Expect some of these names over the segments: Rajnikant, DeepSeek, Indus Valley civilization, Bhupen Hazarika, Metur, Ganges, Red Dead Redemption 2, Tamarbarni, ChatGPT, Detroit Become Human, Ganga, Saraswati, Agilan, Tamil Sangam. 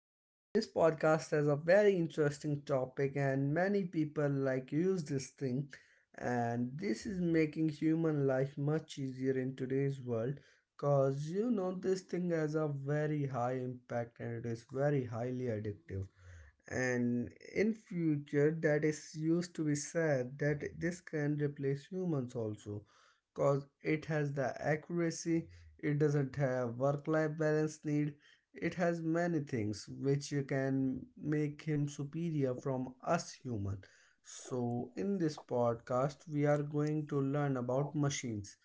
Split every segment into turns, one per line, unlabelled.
And this podcast has a very interesting topic, and many people like use this thing. And this is making human life much easier in today's world because this thing has a very high impact, and it is very highly addictive. And in future that is used to be said that this can replace humans also, cause it has the accuracy, it doesn't have work life balance need, it has many things which can make him superior from us human. So in this podcast we are going to learn about machines,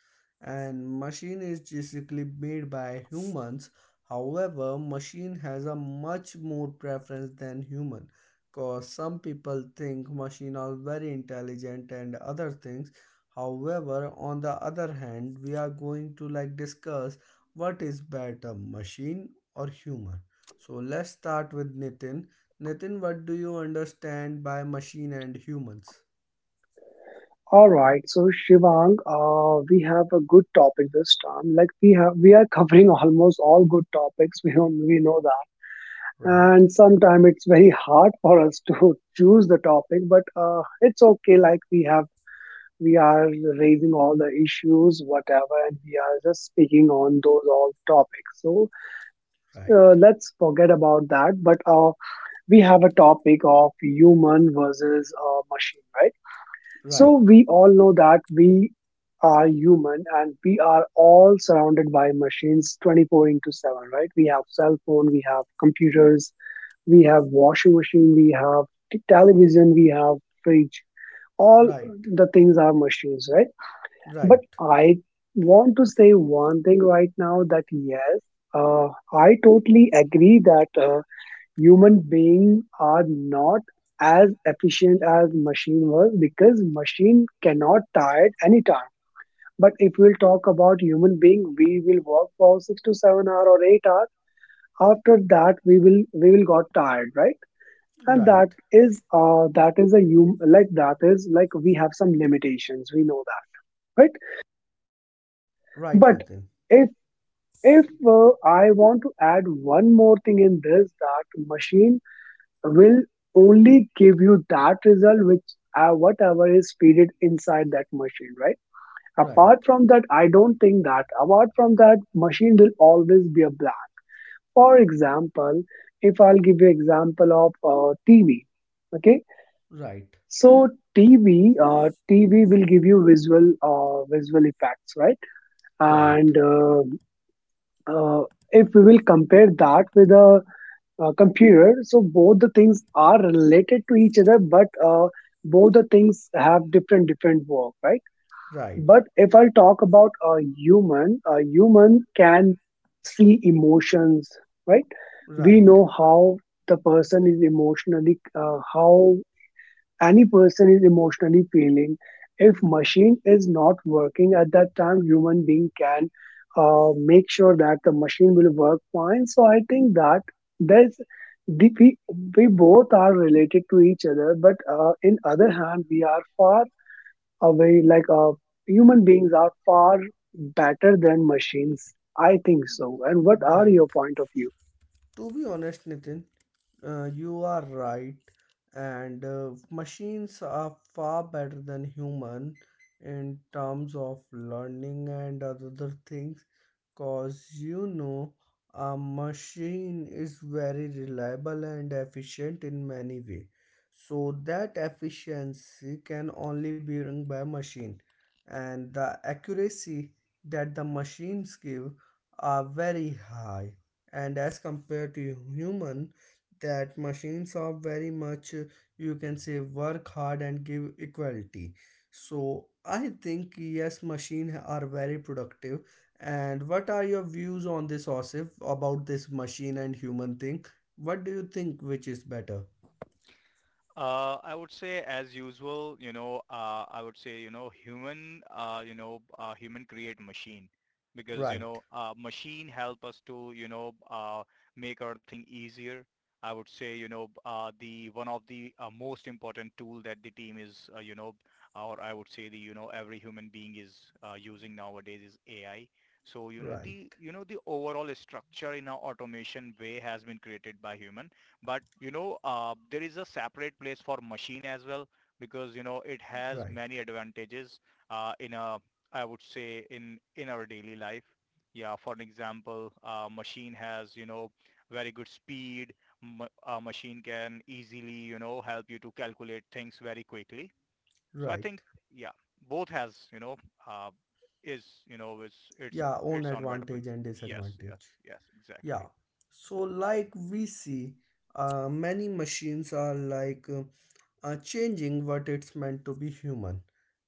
and machine is basically made by humans. However, machine has a much more preference than human, cause some people think machine are very intelligent and other things. However, on the other hand, we are going to like discuss what is better, machine or human. So let's start with Nitin. Nitin, what do you understand by machine and humans?
All right, so Shivang, we have a good topic this time. Like we are covering almost all good topics. We know that,
Right,
and sometimes it's very hard for us to choose the topic, but it's okay. Like we are raising all the issues, whatever, and we are just speaking on those all topics. So
right,
uh, let's forget about that. But we have a topic of human versus machine, right?
right,
So we all know that we are human and we are all surrounded by machines 24 into 7, right? We have cell phone, we have computers, we have washing machine, we have television, we have fridge. All
right,
the things are machines, right?
right,
But I want to say one thing right now that yes, uh, I totally agree that human beings are not as efficient as machine was, because machine cannot tired anytime. But if we'll talk about human being, we will work for 6 to 7 hour or 8 hour. After that, we will got tired, right? And that
right,
is uh that is a hum, like that is like we have some limitations. We know that, right?
right,
But
Nitin.
if if I want to add one more thing in this, that machine will only give you that result which, whatever is feeded inside that machine, right?
Right,
Apart from that, I don't think that. Apart from that, machine will always be a black. For example, if I'll give you example of TV, okay,
right,
so tv will give you visual, visual effects, right?
right, right.
And uh, uh, if we will compare that with a computer. So both the things are related to each other, but both the things have different work, right?
Right,
But if I talk about a human can see emotions, right? We
right,
know how the person is emotionally, how any person is emotionally feeling. If machine is not working at that time, human being can make sure that the machine will work fine. So I think that there's the, we, we both are related to each other, but in other hand we are far away. Like human beings are far better than machines, I think so. And what are your
right.
point of view
To be honest, Nitin, you are right. And machines are far better than human in terms of learning and other things, cause a machine is very reliable and efficient in many way, so that efficiency can only be run by machine, and the accuracy that the machines give are very high, and as compared to human, that machines are very much, you can say, work hard and give equality. So I think yes, machines are very productive. And what are your views on this, Osif, about this machine and human thing? What do you think which is better?
I would say as usual, I would say, human create machine because,
Right,
machine help us to, make our thing easier. I would say, the one of the most important tool that the team is, or I would say the, every human being is using nowadays is AI. So,
right,
the overall structure in our automation way has been created by human but, there is a separate place for machine as well because, it has
right,
many advantages.
right. Yeah, own advantage and disadvantage. Yeah. So like we see, many machines are like are changing what it's meant to be human.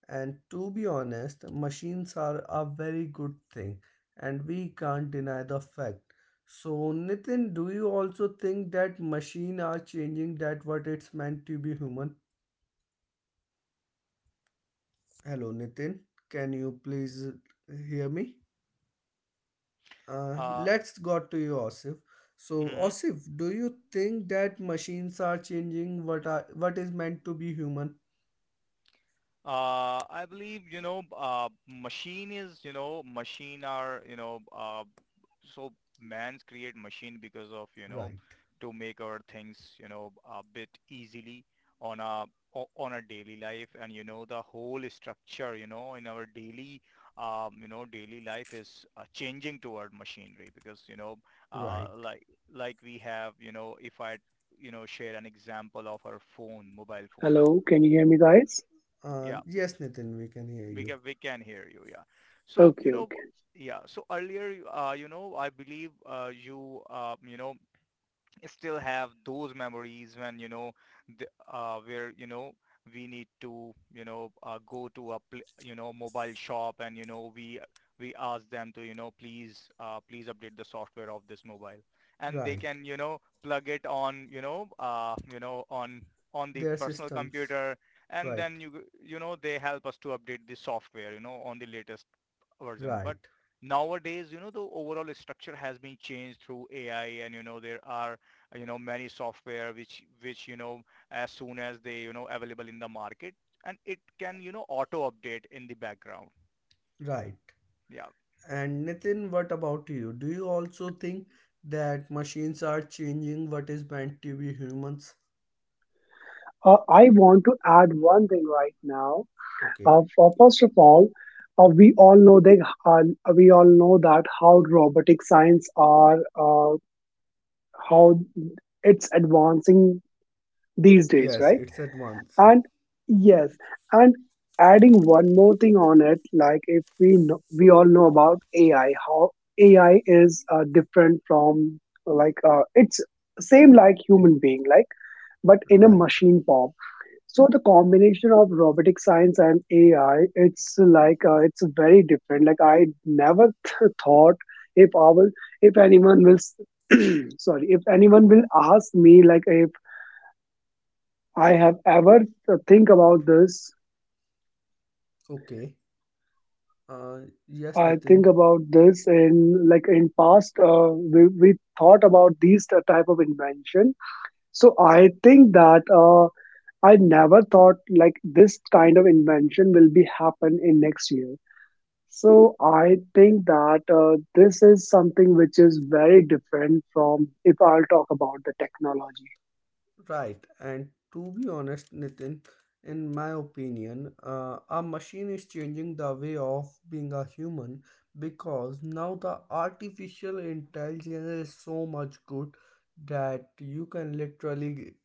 And to be honest, machines are a very good thing, and we can't deny the fact. So, Nitin, do you also think that machine are changing that what it's meant to be human?
exactly? Like, I want to add
Hello,
one thing
Nitin.
right now.
Can you please hear me?
Yes, can you hear me?
Uh,
Can you
Let's
hear me,
go to you,
guys?
Osif. So,
mhm.
Osif, do you think
Hello,
that
can you hear me?
machines are changing what is meant to be human?
I believe,
Hello, can you hear me?
machine are, so
Hello, can you hear
man's
me?
create machine because of,
Right,
to make our things, a bit easily on a daily life, and the whole
Hello, can you
structure
hear me?
in our
Hello,
daily daily life is changing toward machinery because uh,
right.
like like we have, if I share an example of our phone, mobile phones.
hello, can you hear me, guys?
Uh,
Yeah,
yes, Nitin, we can hear
We
you.
can we can hear you. Yeah. So
Okay, okay.
yeah. So earlier, I believe you you know still have those memories when the, where we need to go to a mobile shop, and we ask them to please please update the software of this mobile, and they
Right.
can plug it on on the
Their
personal
systems.
computer, and
Right.
then they help us to update the software on the latest version. But
Right.
nowadays, the overall structure has been changed through AI, and you know, there are many software which as soon as they available in the market, and it can auto update in the background.
Right.
Yeah,
And Nitin, what about you? Do you also think that machines are changing what is meant to be humans?
I want to add one thing right now.
Okay.
First of all, we all know that we all know that how robotic science are, uh, how it's advancing these days,
Yes,
right?
it's advancing.
And yes, and adding one more thing on it, like if we know, we all know about AI, how AI is different from, like it's same like human being, like, but in a
Right.
machine form. So the combination of robotic science and AI, it's like it's very different. Like I never thought. If I will, if anyone will, sorry, if anyone will ask me, like if I have ever think about this,
Okay. Uh, yes,
I think
Nitin.
about this in, like in past, we thought about these type of invention. So I think that I never thought like this kind of invention will be happen in next year. So I think that this is something which is very different from, if I'll talk about the technology.
Right. And to be honest, Nitin, in my opinion, a machine is changing the way of being a human, because now the artificial intelligence is so much good that you can literally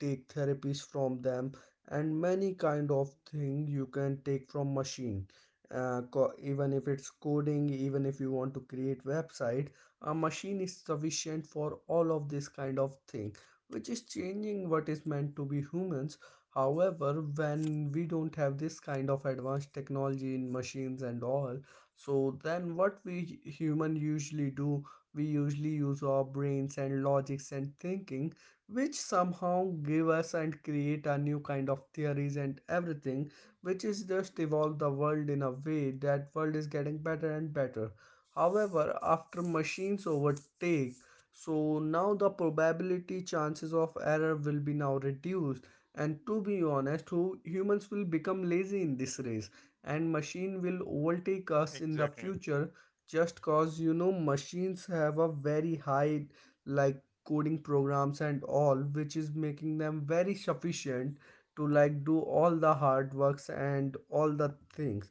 take therapies from them, and many kind of thing you can take from machine. Even if it's coding, even if you want to create website, a machine is sufficient for all of this kind of thing, which is changing what is meant to be humans. However, when we don't have this kind of advanced technology in machines and all, so then what we human usually do, we usually use our brains and logics and thinking, which somehow give us and create a new kind of theories and everything, which is just evolve the world in a way that world is getting better and better. However, after machines overtake, so now the probability chances of error will be now reduced. And to be honest, who humans will become lazy in this race, and machine will overtake us in the
exactly.
future, just cause machines have a very high like coding programs and all, which is making them very sufficient to like do all the hard works and all the things.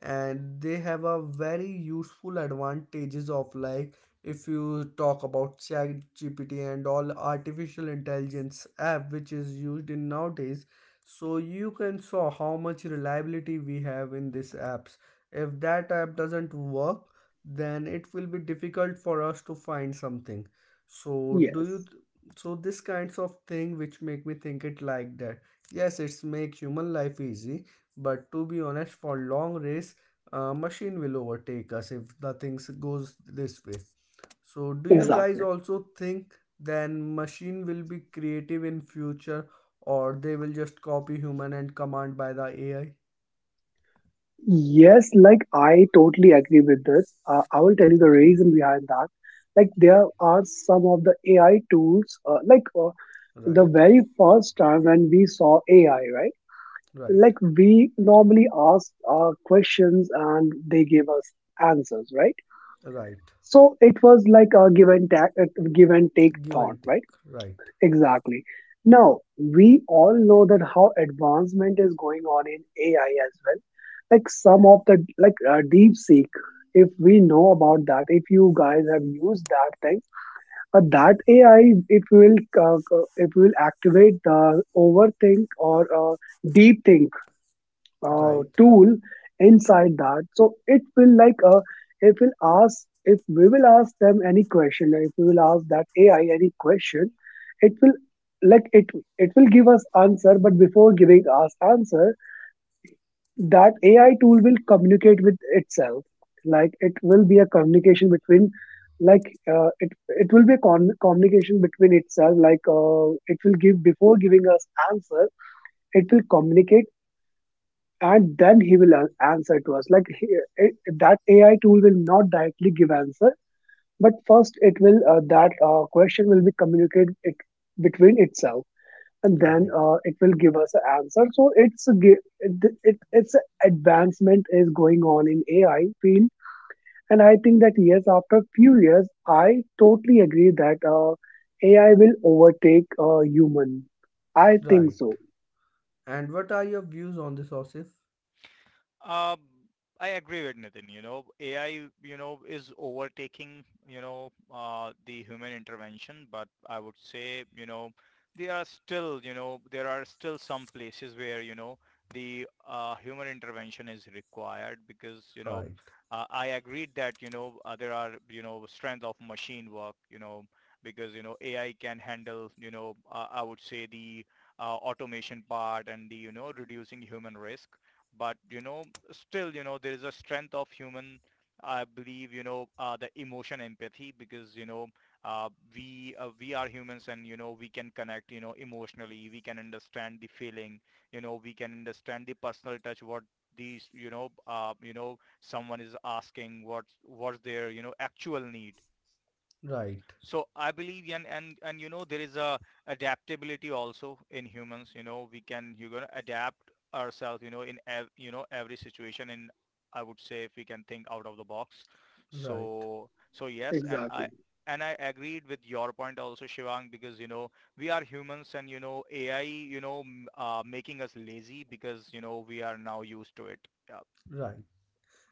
And they have a very useful advantages of, like, if you talk about ChatGPT and all artificial intelligence app which is used in nowadays, so you can saw how much reliability we have in these apps. If that app doesn't work, then it will be difficult for us to find something. so do you
Yes,
so this kinds of thing which make me think it like that yes, it's make human life easy, but to be honest, for long race, machine will overtake us if the things goes this way. So do you guys
exactly.
also think then machine will be creative in future, or they will just copy human and command by the AI?
Yes, like I totally agree with this. I will tell you the
Okay,
reason behind that. Like there are some of the AI tools. Like the
right,
very first time when we saw AI, right?
right,
Like we normally asked our questions and they gave us answers, right?
right.
So it was like a give and take
Give
thought,
and take.
right?
Right,
Exactly. Now, we all know that how advancement is going on in AI as well. Like some of the, like DeepSeek, if we know about that, if you guys have used that thing, that AI, if will activate the overthink, or deep
right,
tool inside that. So it will, like if we will ask them any question, or if we will ask that AI any question, it will, like it will give us answer. But before giving us answer, that AI tool will communicate with itself. Like it will be a communication between, like uh, it it will be a communication between itself. Like it will give, before giving us answer, it will communicate, and then he will answer to us. Like he, it, that AI tool will not directly give answer, but first it will, that question will be communicated it between itself, and then
right,
it will give us an answer. So it's a, gi- it, it's a advancement is going on in ai field. And I think that, yes, after few years, I totally agree that AI will overtake human, I think
right.
so.
And what are your views on this, Osif?
Um, I agree with Nitin. You know, AI, is overtaking, the human intervention, but I would say, there are still some places where, the human intervention is required because,
Right,
I agreed that, there are, strength of machine work, because, AI can handle, I would say the automation part and the, reducing human risk, but still, there is a strength of human. I believe, the emotion, empathy, because, uh, we are humans and, we can connect, emotionally. We can understand the feeling, we can understand the personal touch, what these, someone is asking, what's their, actual need.
right,
So I believe, and there is a adaptability also in humans. You know, we can, you're gonna adapt ourselves, in every situation, in, I would say, if we can think out of the box.
right,
So yes,
Exactly.
and I agreed with your point also, Shivang, because you know we are humans, and you know AI, making us lazy because you know we are now used to it. Yeah.
right.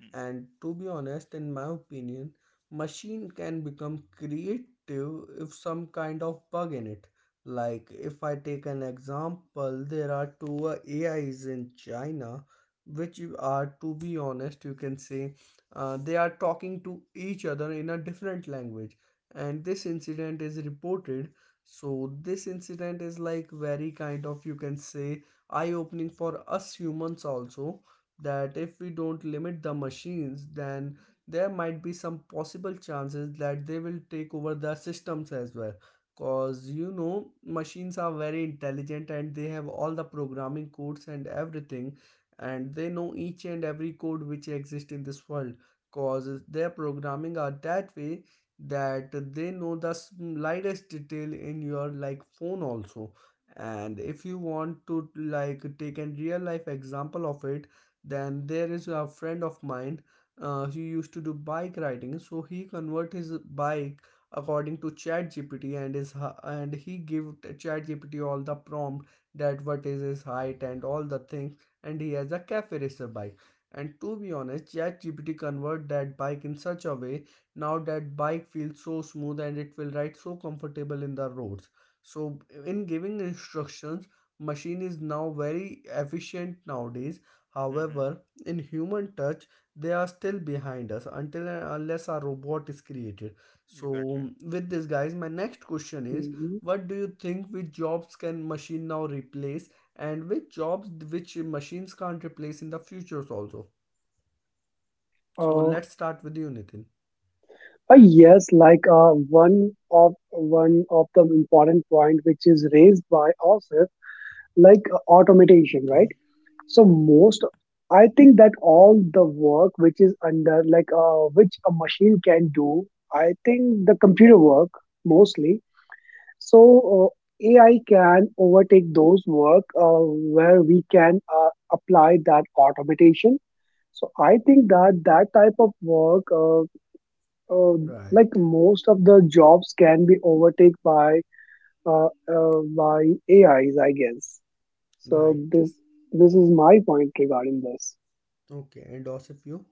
Hmm.
And to be honest, in my opinion, machine can become creative if some kind of bug in it. Like if I take an example, there are two AIs in China, which you are, to be honest, you can say, they are talking to each other in a different language. And this incident is reported. So this incident is like very kind of, you can say, eye opening for us humans also, that if we don't limit the machines, then there might be some possible chances that they will take over the systems as well. Because machines are very intelligent, and they have all the programming codes and everything, and they know each and every code which exists in this world. Because their programming are that way that they know the slightest detail in your like phone also. And if you want to like take a real life example of it, then there is a friend of mine who used to do bike riding, so he convert his bike according to ChatGPT. And he give ChatGPT all the prompt that what is his height and all the things, and he has a cafe racer bike. And to be honest, ChatGPT convert that bike in such a way now that bike feels so smooth and it will ride so comfortable in the roads. So in giving instructions, machine is now very efficient nowadays.
Mm-hmm.
However, in human touch, they are still behind us until and unless our robot is created. So,
Exactly.
with this, guys, my next question is,
Mhm.
what do you think which jobs can machine now replace, and which jobs which machines can't replace in the futures also? So, let's start with you, Nitin.
Yes, like one of the important point which is raised by Osif, like automation, right?
Okay,
So most, I think that all the work which is under, like which a machine can do, I think the computer work mostly. So AI can overtake those work, where we can apply that automation. So I think that that type of work. Uh,
right,
like most of the jobs can be overtaken by, uh, by AIs, I guess. So
right.
this is my point regarding this.
Okay, and also you?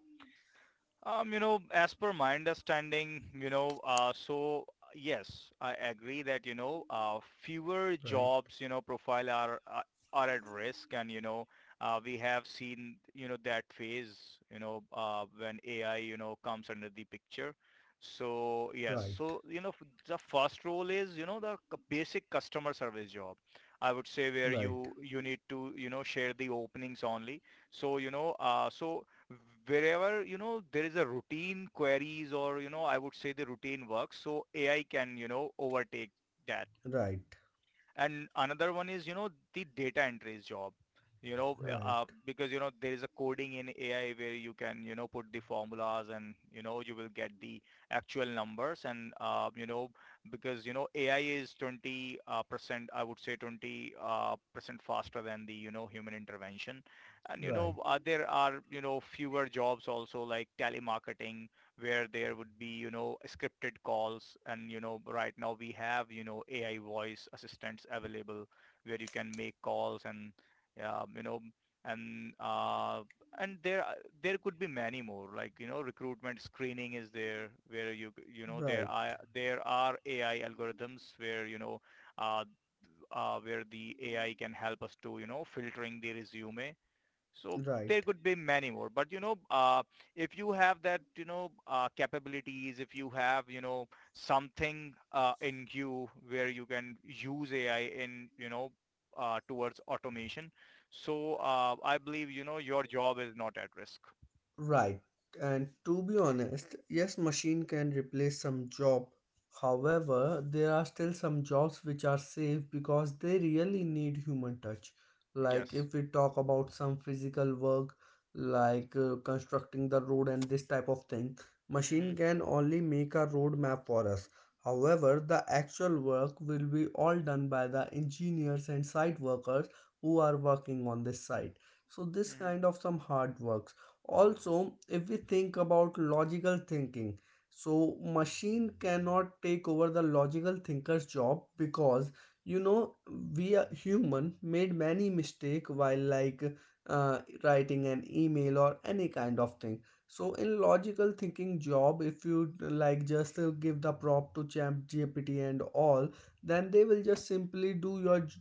You know, as per my understanding, so yes, I agree that, fewer
Right,
jobs, profile are at risk, and, we have seen, that phase, when AI, comes under the picture. So yes,
right,
so, the first role is, the basic customer service job. I would say where
right,
you need to, share the openings only. So, so wherever, there is a routine queries or, I would say the routine work, so AI can, overtake that.
right,
And another one is, the data entries job,
right,
because, there is a coding in AI where you can, put the formulas and, you will get the actual numbers. And, because, AI is 20 percent, I would say 20 percent faster than the, human intervention. And,
right,
there are, fewer jobs also, like telemarketing, where there would be, scripted calls. And, right now we have, AI voice assistants available where you can make calls, and, um, you know, and uh, and there there could be many more. Like, recruitment screening is there where there
right,
are there are AI algorithms where uh, where the AI can help us to filtering the resume, so there
right.
could be many more. But, if you have that, capabilities, if you have, something in you where you can use AI in, towards automation. So I believe, your job is not at risk.
Right. And to be honest, yes, machine can replace some job. However, there are still some jobs which are safe because they really need human touch. Like
Yes.
if we talk about some physical work, like constructing the road and this type of thing,
Mm-hmm.
machine can only make a road map for us. However, the actual work will be all done by the engineers and site workers who are working on this site. So this
Mm-hmm.
kind of some hard work also. If we think about logical thinking, so machine cannot take over the logical thinker's job, because you know we are human, made many mistake while, like, uh, writing an email or any kind of thing. So in logical thinking job, if you like just give the prompt to Chat GPT and all, then they will just simply do your j-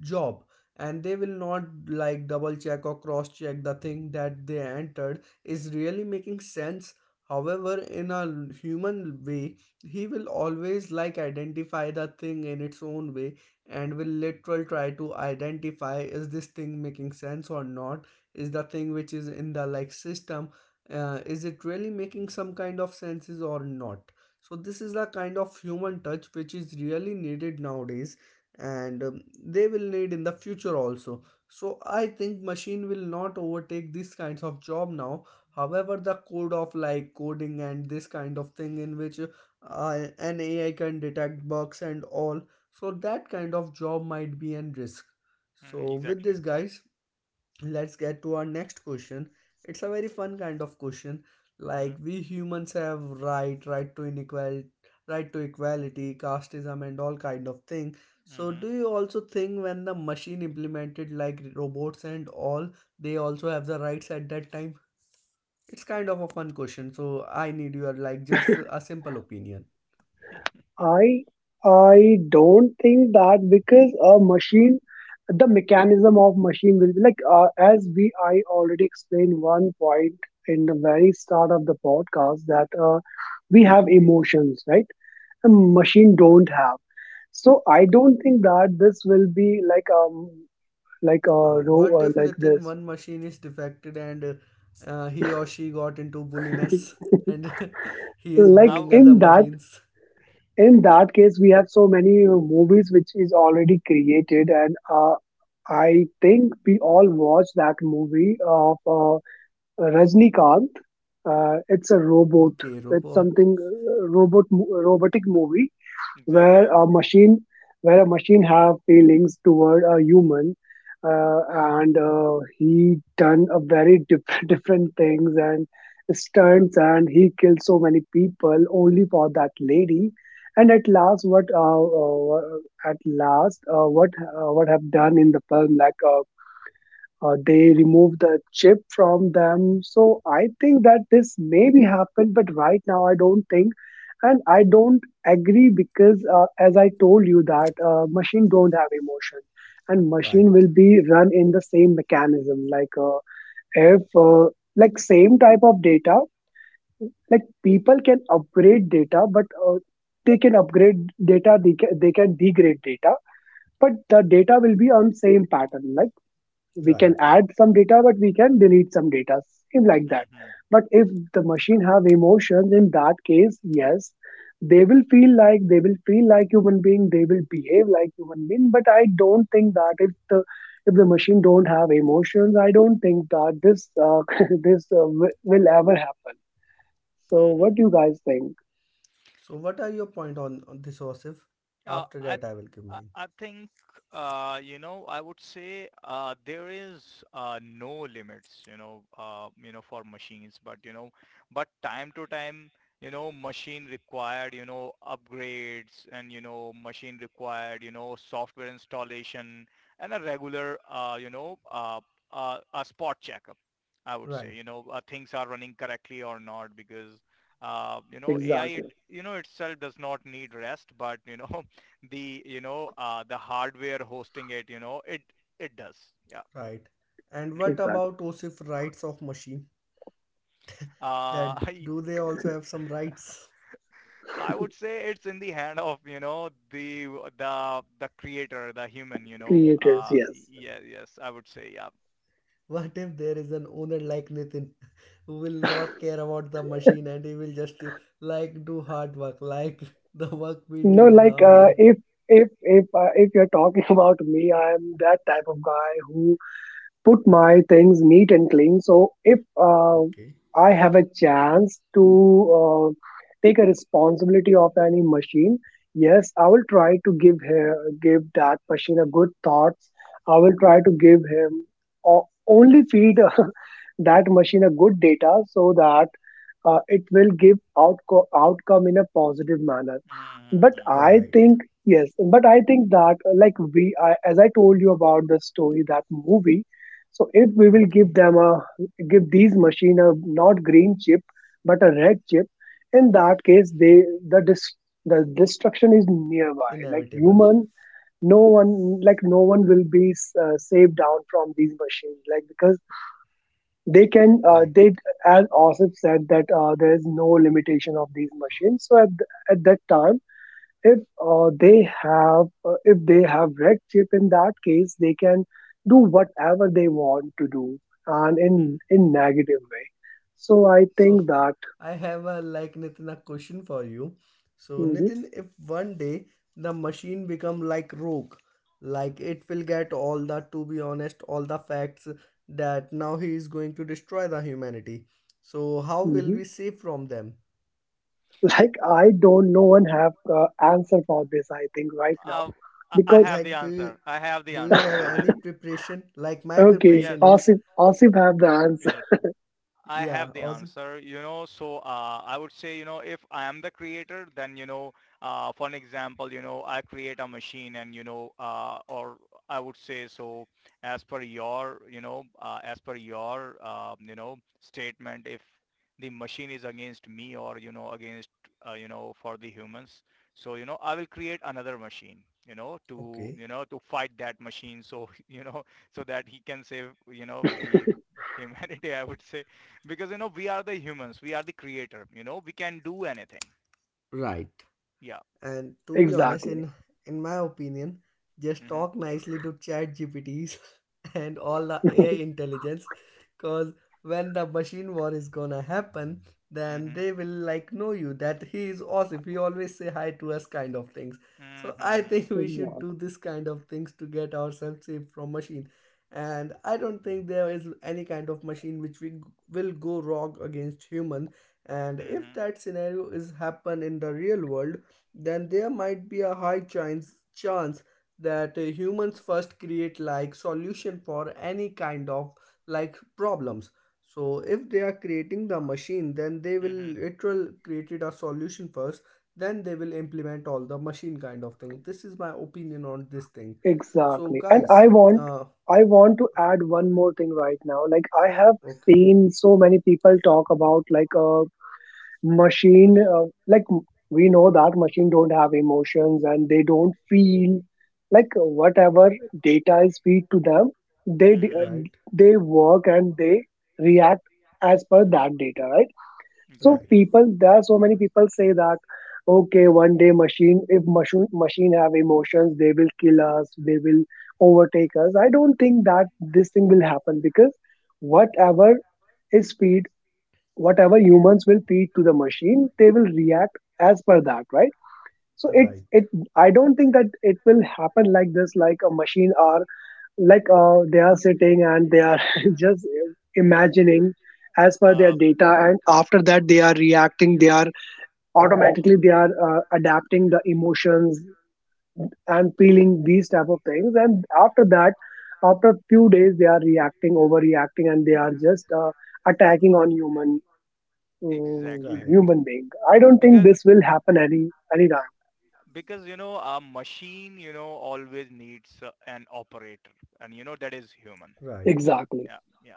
job and they will not like double check or cross check the thing that they entered is really making sense. However, in a human way, he will always like identify the thing in its own way and will literal try to identify, is this thing making sense or not, is the thing which is in the like system, is it really making some kind of senses or not. So this is the kind of human touch which is really needed nowadays, and they will need in the future also. So I think machine will not overtake these kinds of job now. However, the code of like coding and this kind of thing, in which an AI can detect bugs and all, so that kind of job might be in risk.
Mm-hmm.
So with
Exactly.
this, guys, let's get to our next question. It's a very fun kind of question.
Mm-hmm.
Like we humans have right to inequality, right to equality, casteism and all kind of thing. So
Mm-hmm.
do you also think when the machine implemented like robots and all, they also have the rights at that time? It's kind of a fun question, so I need your, like, just a simple opinion.
I I don't think that, because a machine, the mechanism of machine will be like, as we, I already explained one point in the very start of the podcast that we have emotions, right? A machine don't have. So I don't think that this will be like, like
Uh,
row,
what if,
like
Nitin,
this,
one machine is defected, and he or she got into bulliness and he is
like
bullying other
in that
machines?
in that case, we have so many movies which is already created, and I think we all watched that movie of Rajnikant. It's a robot,
Okay,
it's
robot.
something robot, robotic movie, where
Exactly.
a machine, where a machine have feelings toward a human, and he done a very different things and stunts, and he killed so many people only for that lady. And at last, what, at last, what, what have done in the film, like, they remove the chip from them. So I think that this may be happened, but right now I don't think, and I don't agree, because as I told you that machine don't have emotion, and machine
Right,
will be run in the same mechanism. Like if like same type of data, like people can upgrade data, but they can upgrade data, they can degrade data, but the data will be on same pattern. Like we can
right.
add some data but we can delete some data, same like that.
Mm-hmm.
But if the machine have emotions, in that case, yes, they will feel like human being, they will behave like human being. But I don't think that. If the machine don't have emotions, I don't think that this, this, will ever happen. So
Mm-hmm.
what do you guys think?
So what are your point on this, Osif?
Uh,
After
I
that I will give
I
mine.
I think I would say there is no limits, for machines, but but time to time machine required upgrades, and machine required software installation, and a regular a spot checkup, I would
Right,
say, things are running correctly or not, because AI, it
Exactly,
you know itself does not need rest, but the the hardware hosting it, it does. Yeah.
right. And
Mhm.
what
exactly,
about Osif rights of machine?
uh,
That
I
do they also have some rights?
I would say it's in the hand of, you know, the creator, the human,
creators. Yes,
yeah, yes, I would say. Yeah.
What if there is an owner like Nitin who will not care about the machine and he will just like do hard work like the work we
no,
did in
like,
our way.
if if you're talking about me, I am that type of guy who put my things neat and clean. So if
Okay.
I have a chance to uh, take a responsibility of any machine, yes, I will try to give her, give that machine a good thoughts. I will try to give him only feed that machine a good data, so that it will give outcome in a positive manner. But
Mm-hmm.
I
Right,
think, yes, but I think that like we, I, as I told you about the story, that movie, so if we will give
okay,
them a, give these machine a, not green chip but a red chip, in that case, they, the dis, the destruction is nearby. Like,
inevitable,
human, no one, like no one will be saved down from these machines, like, because they can,
right.
they, as Asif said, that there is no limitation of these machines. So at that time, if they have if they have red chip, in that case, they can do whatever they want to do, and in
Mm-hmm.
in negative way. So I
So
think that.
I have a Nitin a question for you. So
Mhm,
Nitin, if one day the machine become like rogue, like it will get all the, to be honest, all the facts that now he is going to destroy the humanity, so how will
mhm.
we save from them?
Like I don't, no one have answer for this. I think right
uh,
now
I
because
have the
Like, do
answer
you
I have the
do you
answer
have
I have,
any preparation? Like my
okay,
preparation
yes,
is,
Asif have the answer
yes, I
yeah,
have the
also
answer, so I would say, if I am the creator, then, for an example, I create a machine and, or I would say, so as per your, as per your, statement, if the machine is against me or, against, for the humans, so, I will create another machine, to,
okay.
to fight that machine, so so that he can save, the humanity. I would say, because you know we are the humans, we are the creator, you know we can do anything.
Right.
Yeah.
And to be honest,
exactly.
in my opinion, just
Mhm.
talk nicely to Chat GPTs and all the AI intelligence, cause when the machine war is gonna happen, then
Mhm.
they will like know you that he is awesome. He always say hi to us, kind of things. So I
Mhm.
think we should
exactly
do this kind of things to get ourselves safe from machine. And I don't think there is any kind of machine which we will go wrong against human. And if
Mhm.
that scenario is happen in the real world, then there might be a high chance that humans first create like solution for any kind of like problems. So if they are creating the machine, then they will
Mhm.
literal created a solution first, then they will implement all the machine kind of thing. This is my opinion on this thing.
Like,
So
Exactly. And
guys,
I want
uh
I want to add one more thing right now. Like I have
okay.
seen so many people talk about like a machine like we know that machine don't have emotions and they don't feel like whatever data is feed to them they d- uh,
mhm,
Right,
they work and they react as per that data, right? So
right,
exactly,
people, there are so many people say that, okay, one day machine, if machine have emotions, they will kill us, they will overtake us. I don't think that this thing will happen because whatever is feed, whatever humans will feed to the machine, they will react as per that, right? So it.
right,
I don't think that it will happen like this, like a machine are like they are sitting and they are just imagining as per their
uh
data, and after that they are reacting, they are adapting the emotions and feeling these type of things, and after that, after a few days, they are reacting overreacting and they are just attacking on human
exactly,
right,
human being. I don't think
because
this will happen any time.
a machine always needs an operator, and you know that is human.
right.
Exactly.
Yeah. Yeah,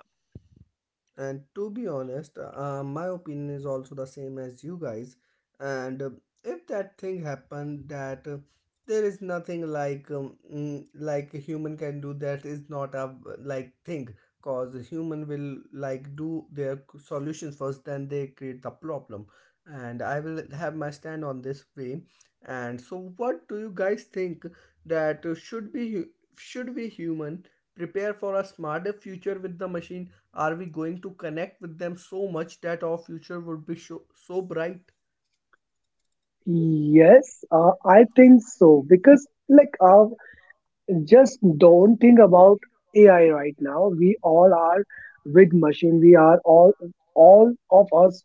And to be honest, my opinion is also the same as you guys. And if that thing happened, that there is nothing like like a human can do. That is not a like thing, cause a human will like do their solutions first, then they create the problem. And I will have my stand on this way. And so, what do you guys think that should be should we human prepare for a smarter future with the machine? Are we going to connect with them so much that our future would be so, so bright?
Yes, I think so because like just don't think about AI right now. We all are with machine. We are all all of us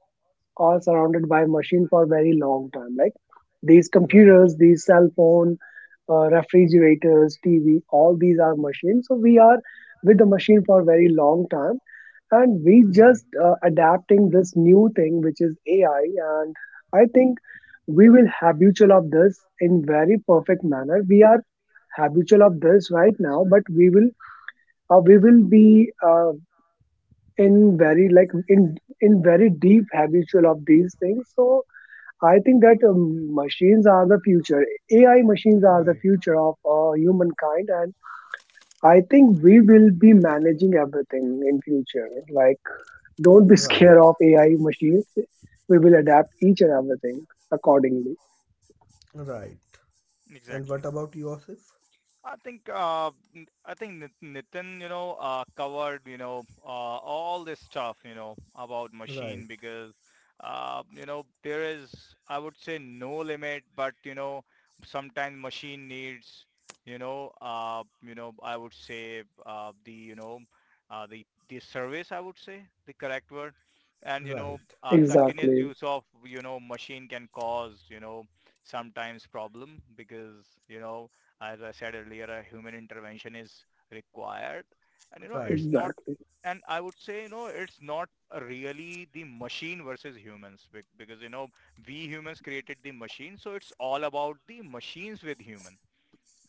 are surrounded by machine for a very long time. Like these
Right,
computers, these cell phone, refrigerators, TV, all these are machines. So we are with the machine for a very long time, and we
right.
just adapting this new thing which is AI. And I think we will habitual of this in very perfect manner. We are habitual of this right now, but we will be in very like in very deep habitual of these things. So I think that machines are the future. AI machines are the
Right,
future of humankind, and I think we will be managing everything in future. Like, don't be
right,
scared of AI machines. We will adapt each and everything accordingly.
right. And
exactly.
what about Yosef?
I think I think Nitin, covered all this stuff about
Right,
machine, because there is, I would say, no limit, but sometimes machine needs I would say the the service, I would say the correct word, and
right,
continuous
Exactly.
use of machine can cause sometimes problem, because you know, as I said earlier, a human intervention is required. And,
right,
it's not,
Exactly.
and I would say, it's not really the machine versus humans, because, we humans created the machine. So it's all about the machines with humans,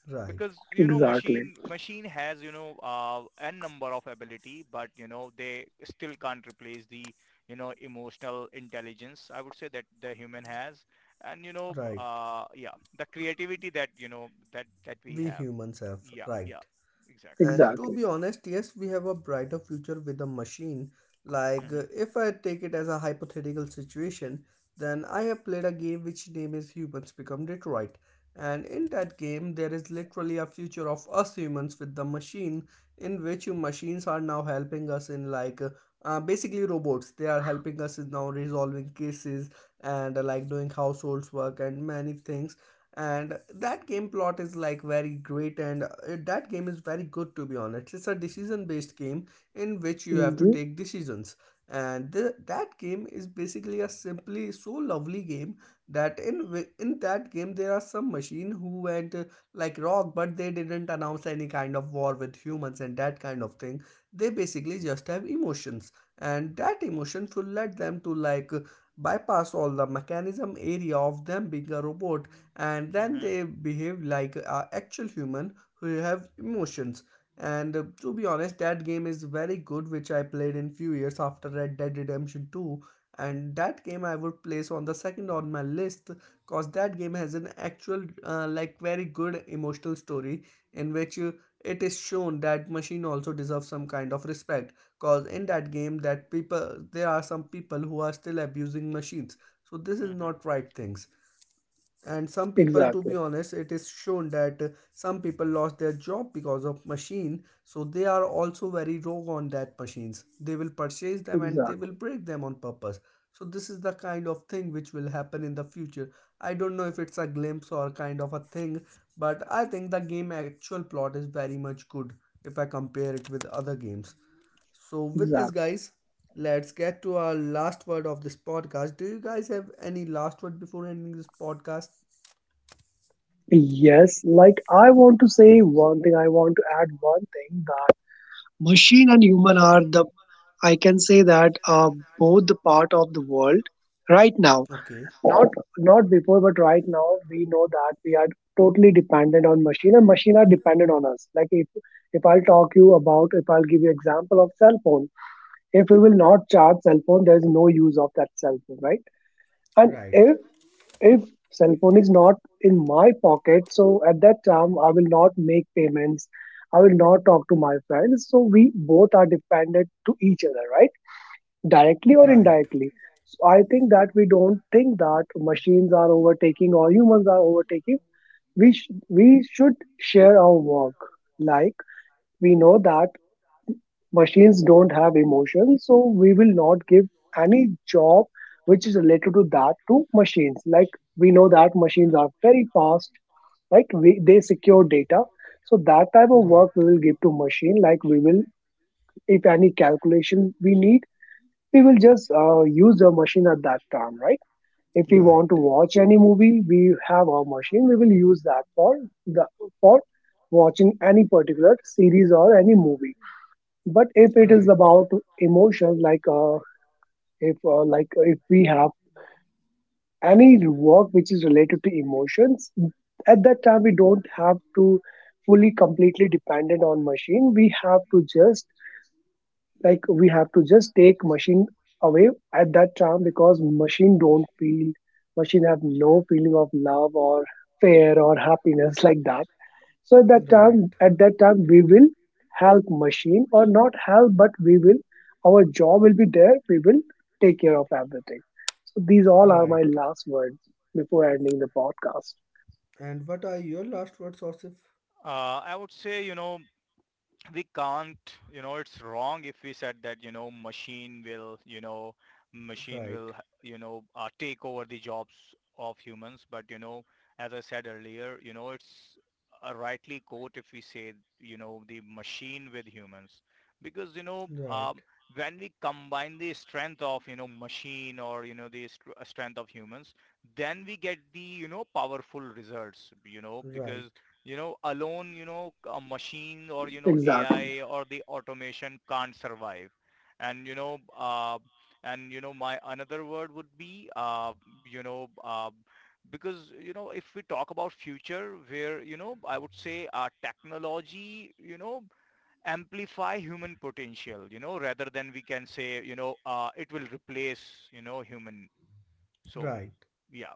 right,
because you know
Exactly.
machine has n number of ability, but you know they still can't replace the, you know, emotional intelligence, I would say, that the human has, and
right.
yeah, the creativity that that we
We
have.
humans have
Yeah. Yeah,
right.
exactly.
And to
Exactly.
be honest, yes, we have a brighter future with a machine. Like,
Hmm.
if I take it as a hypothetical situation, then I have played a game which name is Humans Become Detroit. And in
Hmm.
that game, there is literally a future of us humans with the machine, in which machines are now helping us in like basically robots. They are helping us in now resolving cases and like doing household work and many things. And that game plot is like very great, and that game is very good, to be honest. It's a decision based game in which you have to
Hmm.
take decisions. And that game is basically a simply so lovely game that in in that game there are some machine who went like rock, but they didn't announce any kind of war with humans and that kind of thing. They basically just have emotions, and that emotion will let them to like bypass all the mechanism area of them being a robot, and then
Hmm.
they behave like a actual human who have emotions. And to be honest, that game is very good, which I played in few years after Red Dead Redemption 2, and that game I would place on the second on my list, cause that game has an actual like very good emotional story, in which it is shown that machine also deserves some kind of respect, cause in that game, that people, there are some people who are still abusing machines. So this is
Hmm.
not right things. And some people, to be
Exactly.
honest, it is shown that some people lost their job because of machine, so they are also very rogue on that machines. They will purchase them and they will
Exactly.
break them on purpose. So this is the kind of thing which will happen in the future. I don't know if it's a glimpse or kind of a thing, but I think the game actual plot is very much good if I compare it with other games. So with this,
Exactly.
guys, let's get to our last word of this podcast. Do you guys have any last word before ending this podcast?
Yes, like I want to say
Okay.
one thing. I want to add one thing, that machine and human are the, I can say that both the part of the world right now,
Okay.
not not before, but right now, we know that we are totally dependent on machine, and machine are dependent on us. Like if I'll talk you about, if I'll give you example of cell phone, if we will not charge cell phone, there is no use of that cell phone, right? And
Right.
if cell phone is not in my pocket, so at that time I will not make payments. I will not talk to my friends. So we both are dependent to each other, right? Directly or
Right.
indirectly. So I think that we don't think that machines are overtaking or humans are overtaking. We we should share our work. Like we know that machines don't have emotions, so we will not give any job which is related to that to machines. Like we know that machines are very fast, right? We, they secure data, so that type of
Right.
work we will give to machine. Like we will, if any calculation we need, we will just use a machine at that time, right? If we want to watch any movie, we have our machine. We will use that for the for watching any particular series or any movie. But if it is
Right.
about
Right.
emotions, like if like if we have any work which is related to emotions, at that time we don't have to fully completely dependent on machine. We have to just like we have to just take machine away at that time, because machine don't feel, machine have no feeling of love or fear or happiness like that. So at that
Right.
time, at that time, we will help machine, or not help, but we will, our job will be there, we will take care of everything. So these all are
Right.
my last word before ending the podcast.
And what are your last words, Osif?
I would say, we can't you know it's wrong if we said, you know machine will you know machine
Right.
will, take over the jobs of humans. But you know, as I said earlier, it's a rightly quote if we say, you know, the machine with humans, because
Right.
when we combine the strength of, you know, machine or, you know, the strength of humans, then we get the, you know, powerful results, you know,
Right.
because you know alone, you know, a machine or, you know,
Exactly.
AI or the automation can't survive. And and you know my another word would be, because you know, if we talk about future where, you know, I would say technology, you know, amplify human potential, you know, rather than we can say, it will replace, you know, human. So
Right.
yeah.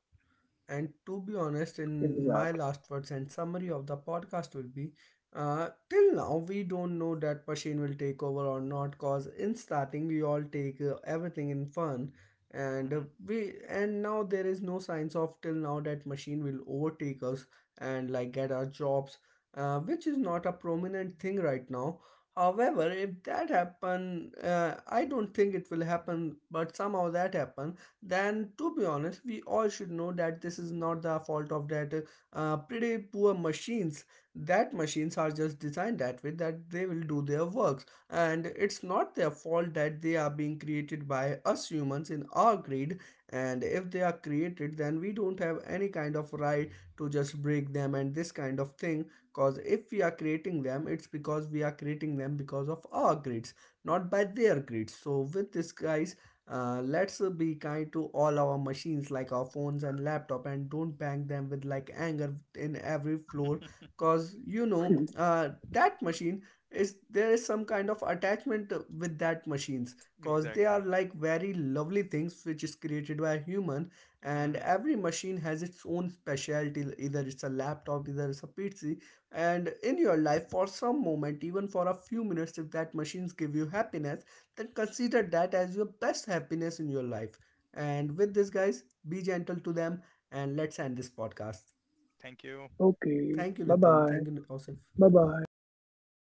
And to be honest, in my
Exactly.
last words and summary of the podcast will be, till now, we don't know that Pasheen will take over or not, because in starting, we all take everything in fun. And
Hmm.
we and now there is no signs of till now that machine will overtake us and like get our jobs, which is not a prominent thing right now. However, if that happen, I don't think it will happen, but somehow that happen, then to be honest we all should know that this is not the fault of that pretty poor machines. That machines are just designed that way, that they will do their works, and it's not their fault that they are being created by us humans in our greed. And if they are created, then we don't have any kind of right to just break them and this kind of thing, because if we are creating them, it's because we are creating them because of our greeds, not by their greed. So with this guys, let's be kind to all our machines, like our phones and laptop, and don't bang them with like anger in every floor, cause you know, that machine is, there is some kind of attachment with that machines, cause they
Exactly.
are like very lovely things which is created by a human. And
Hmm.
every machine has its own specialty, either it's a laptop, either it's a PC. And in your life, for some moment, even for a few minutes, if that machines give you happiness, then consider that as your best happiness in your life. And with this, guys, be gentle to them and let's end this podcast.
Thank you.
Okay,
Thank you,
bye
Nitin.
bye.
Thank you, Osif.
Bye bye.
Bye.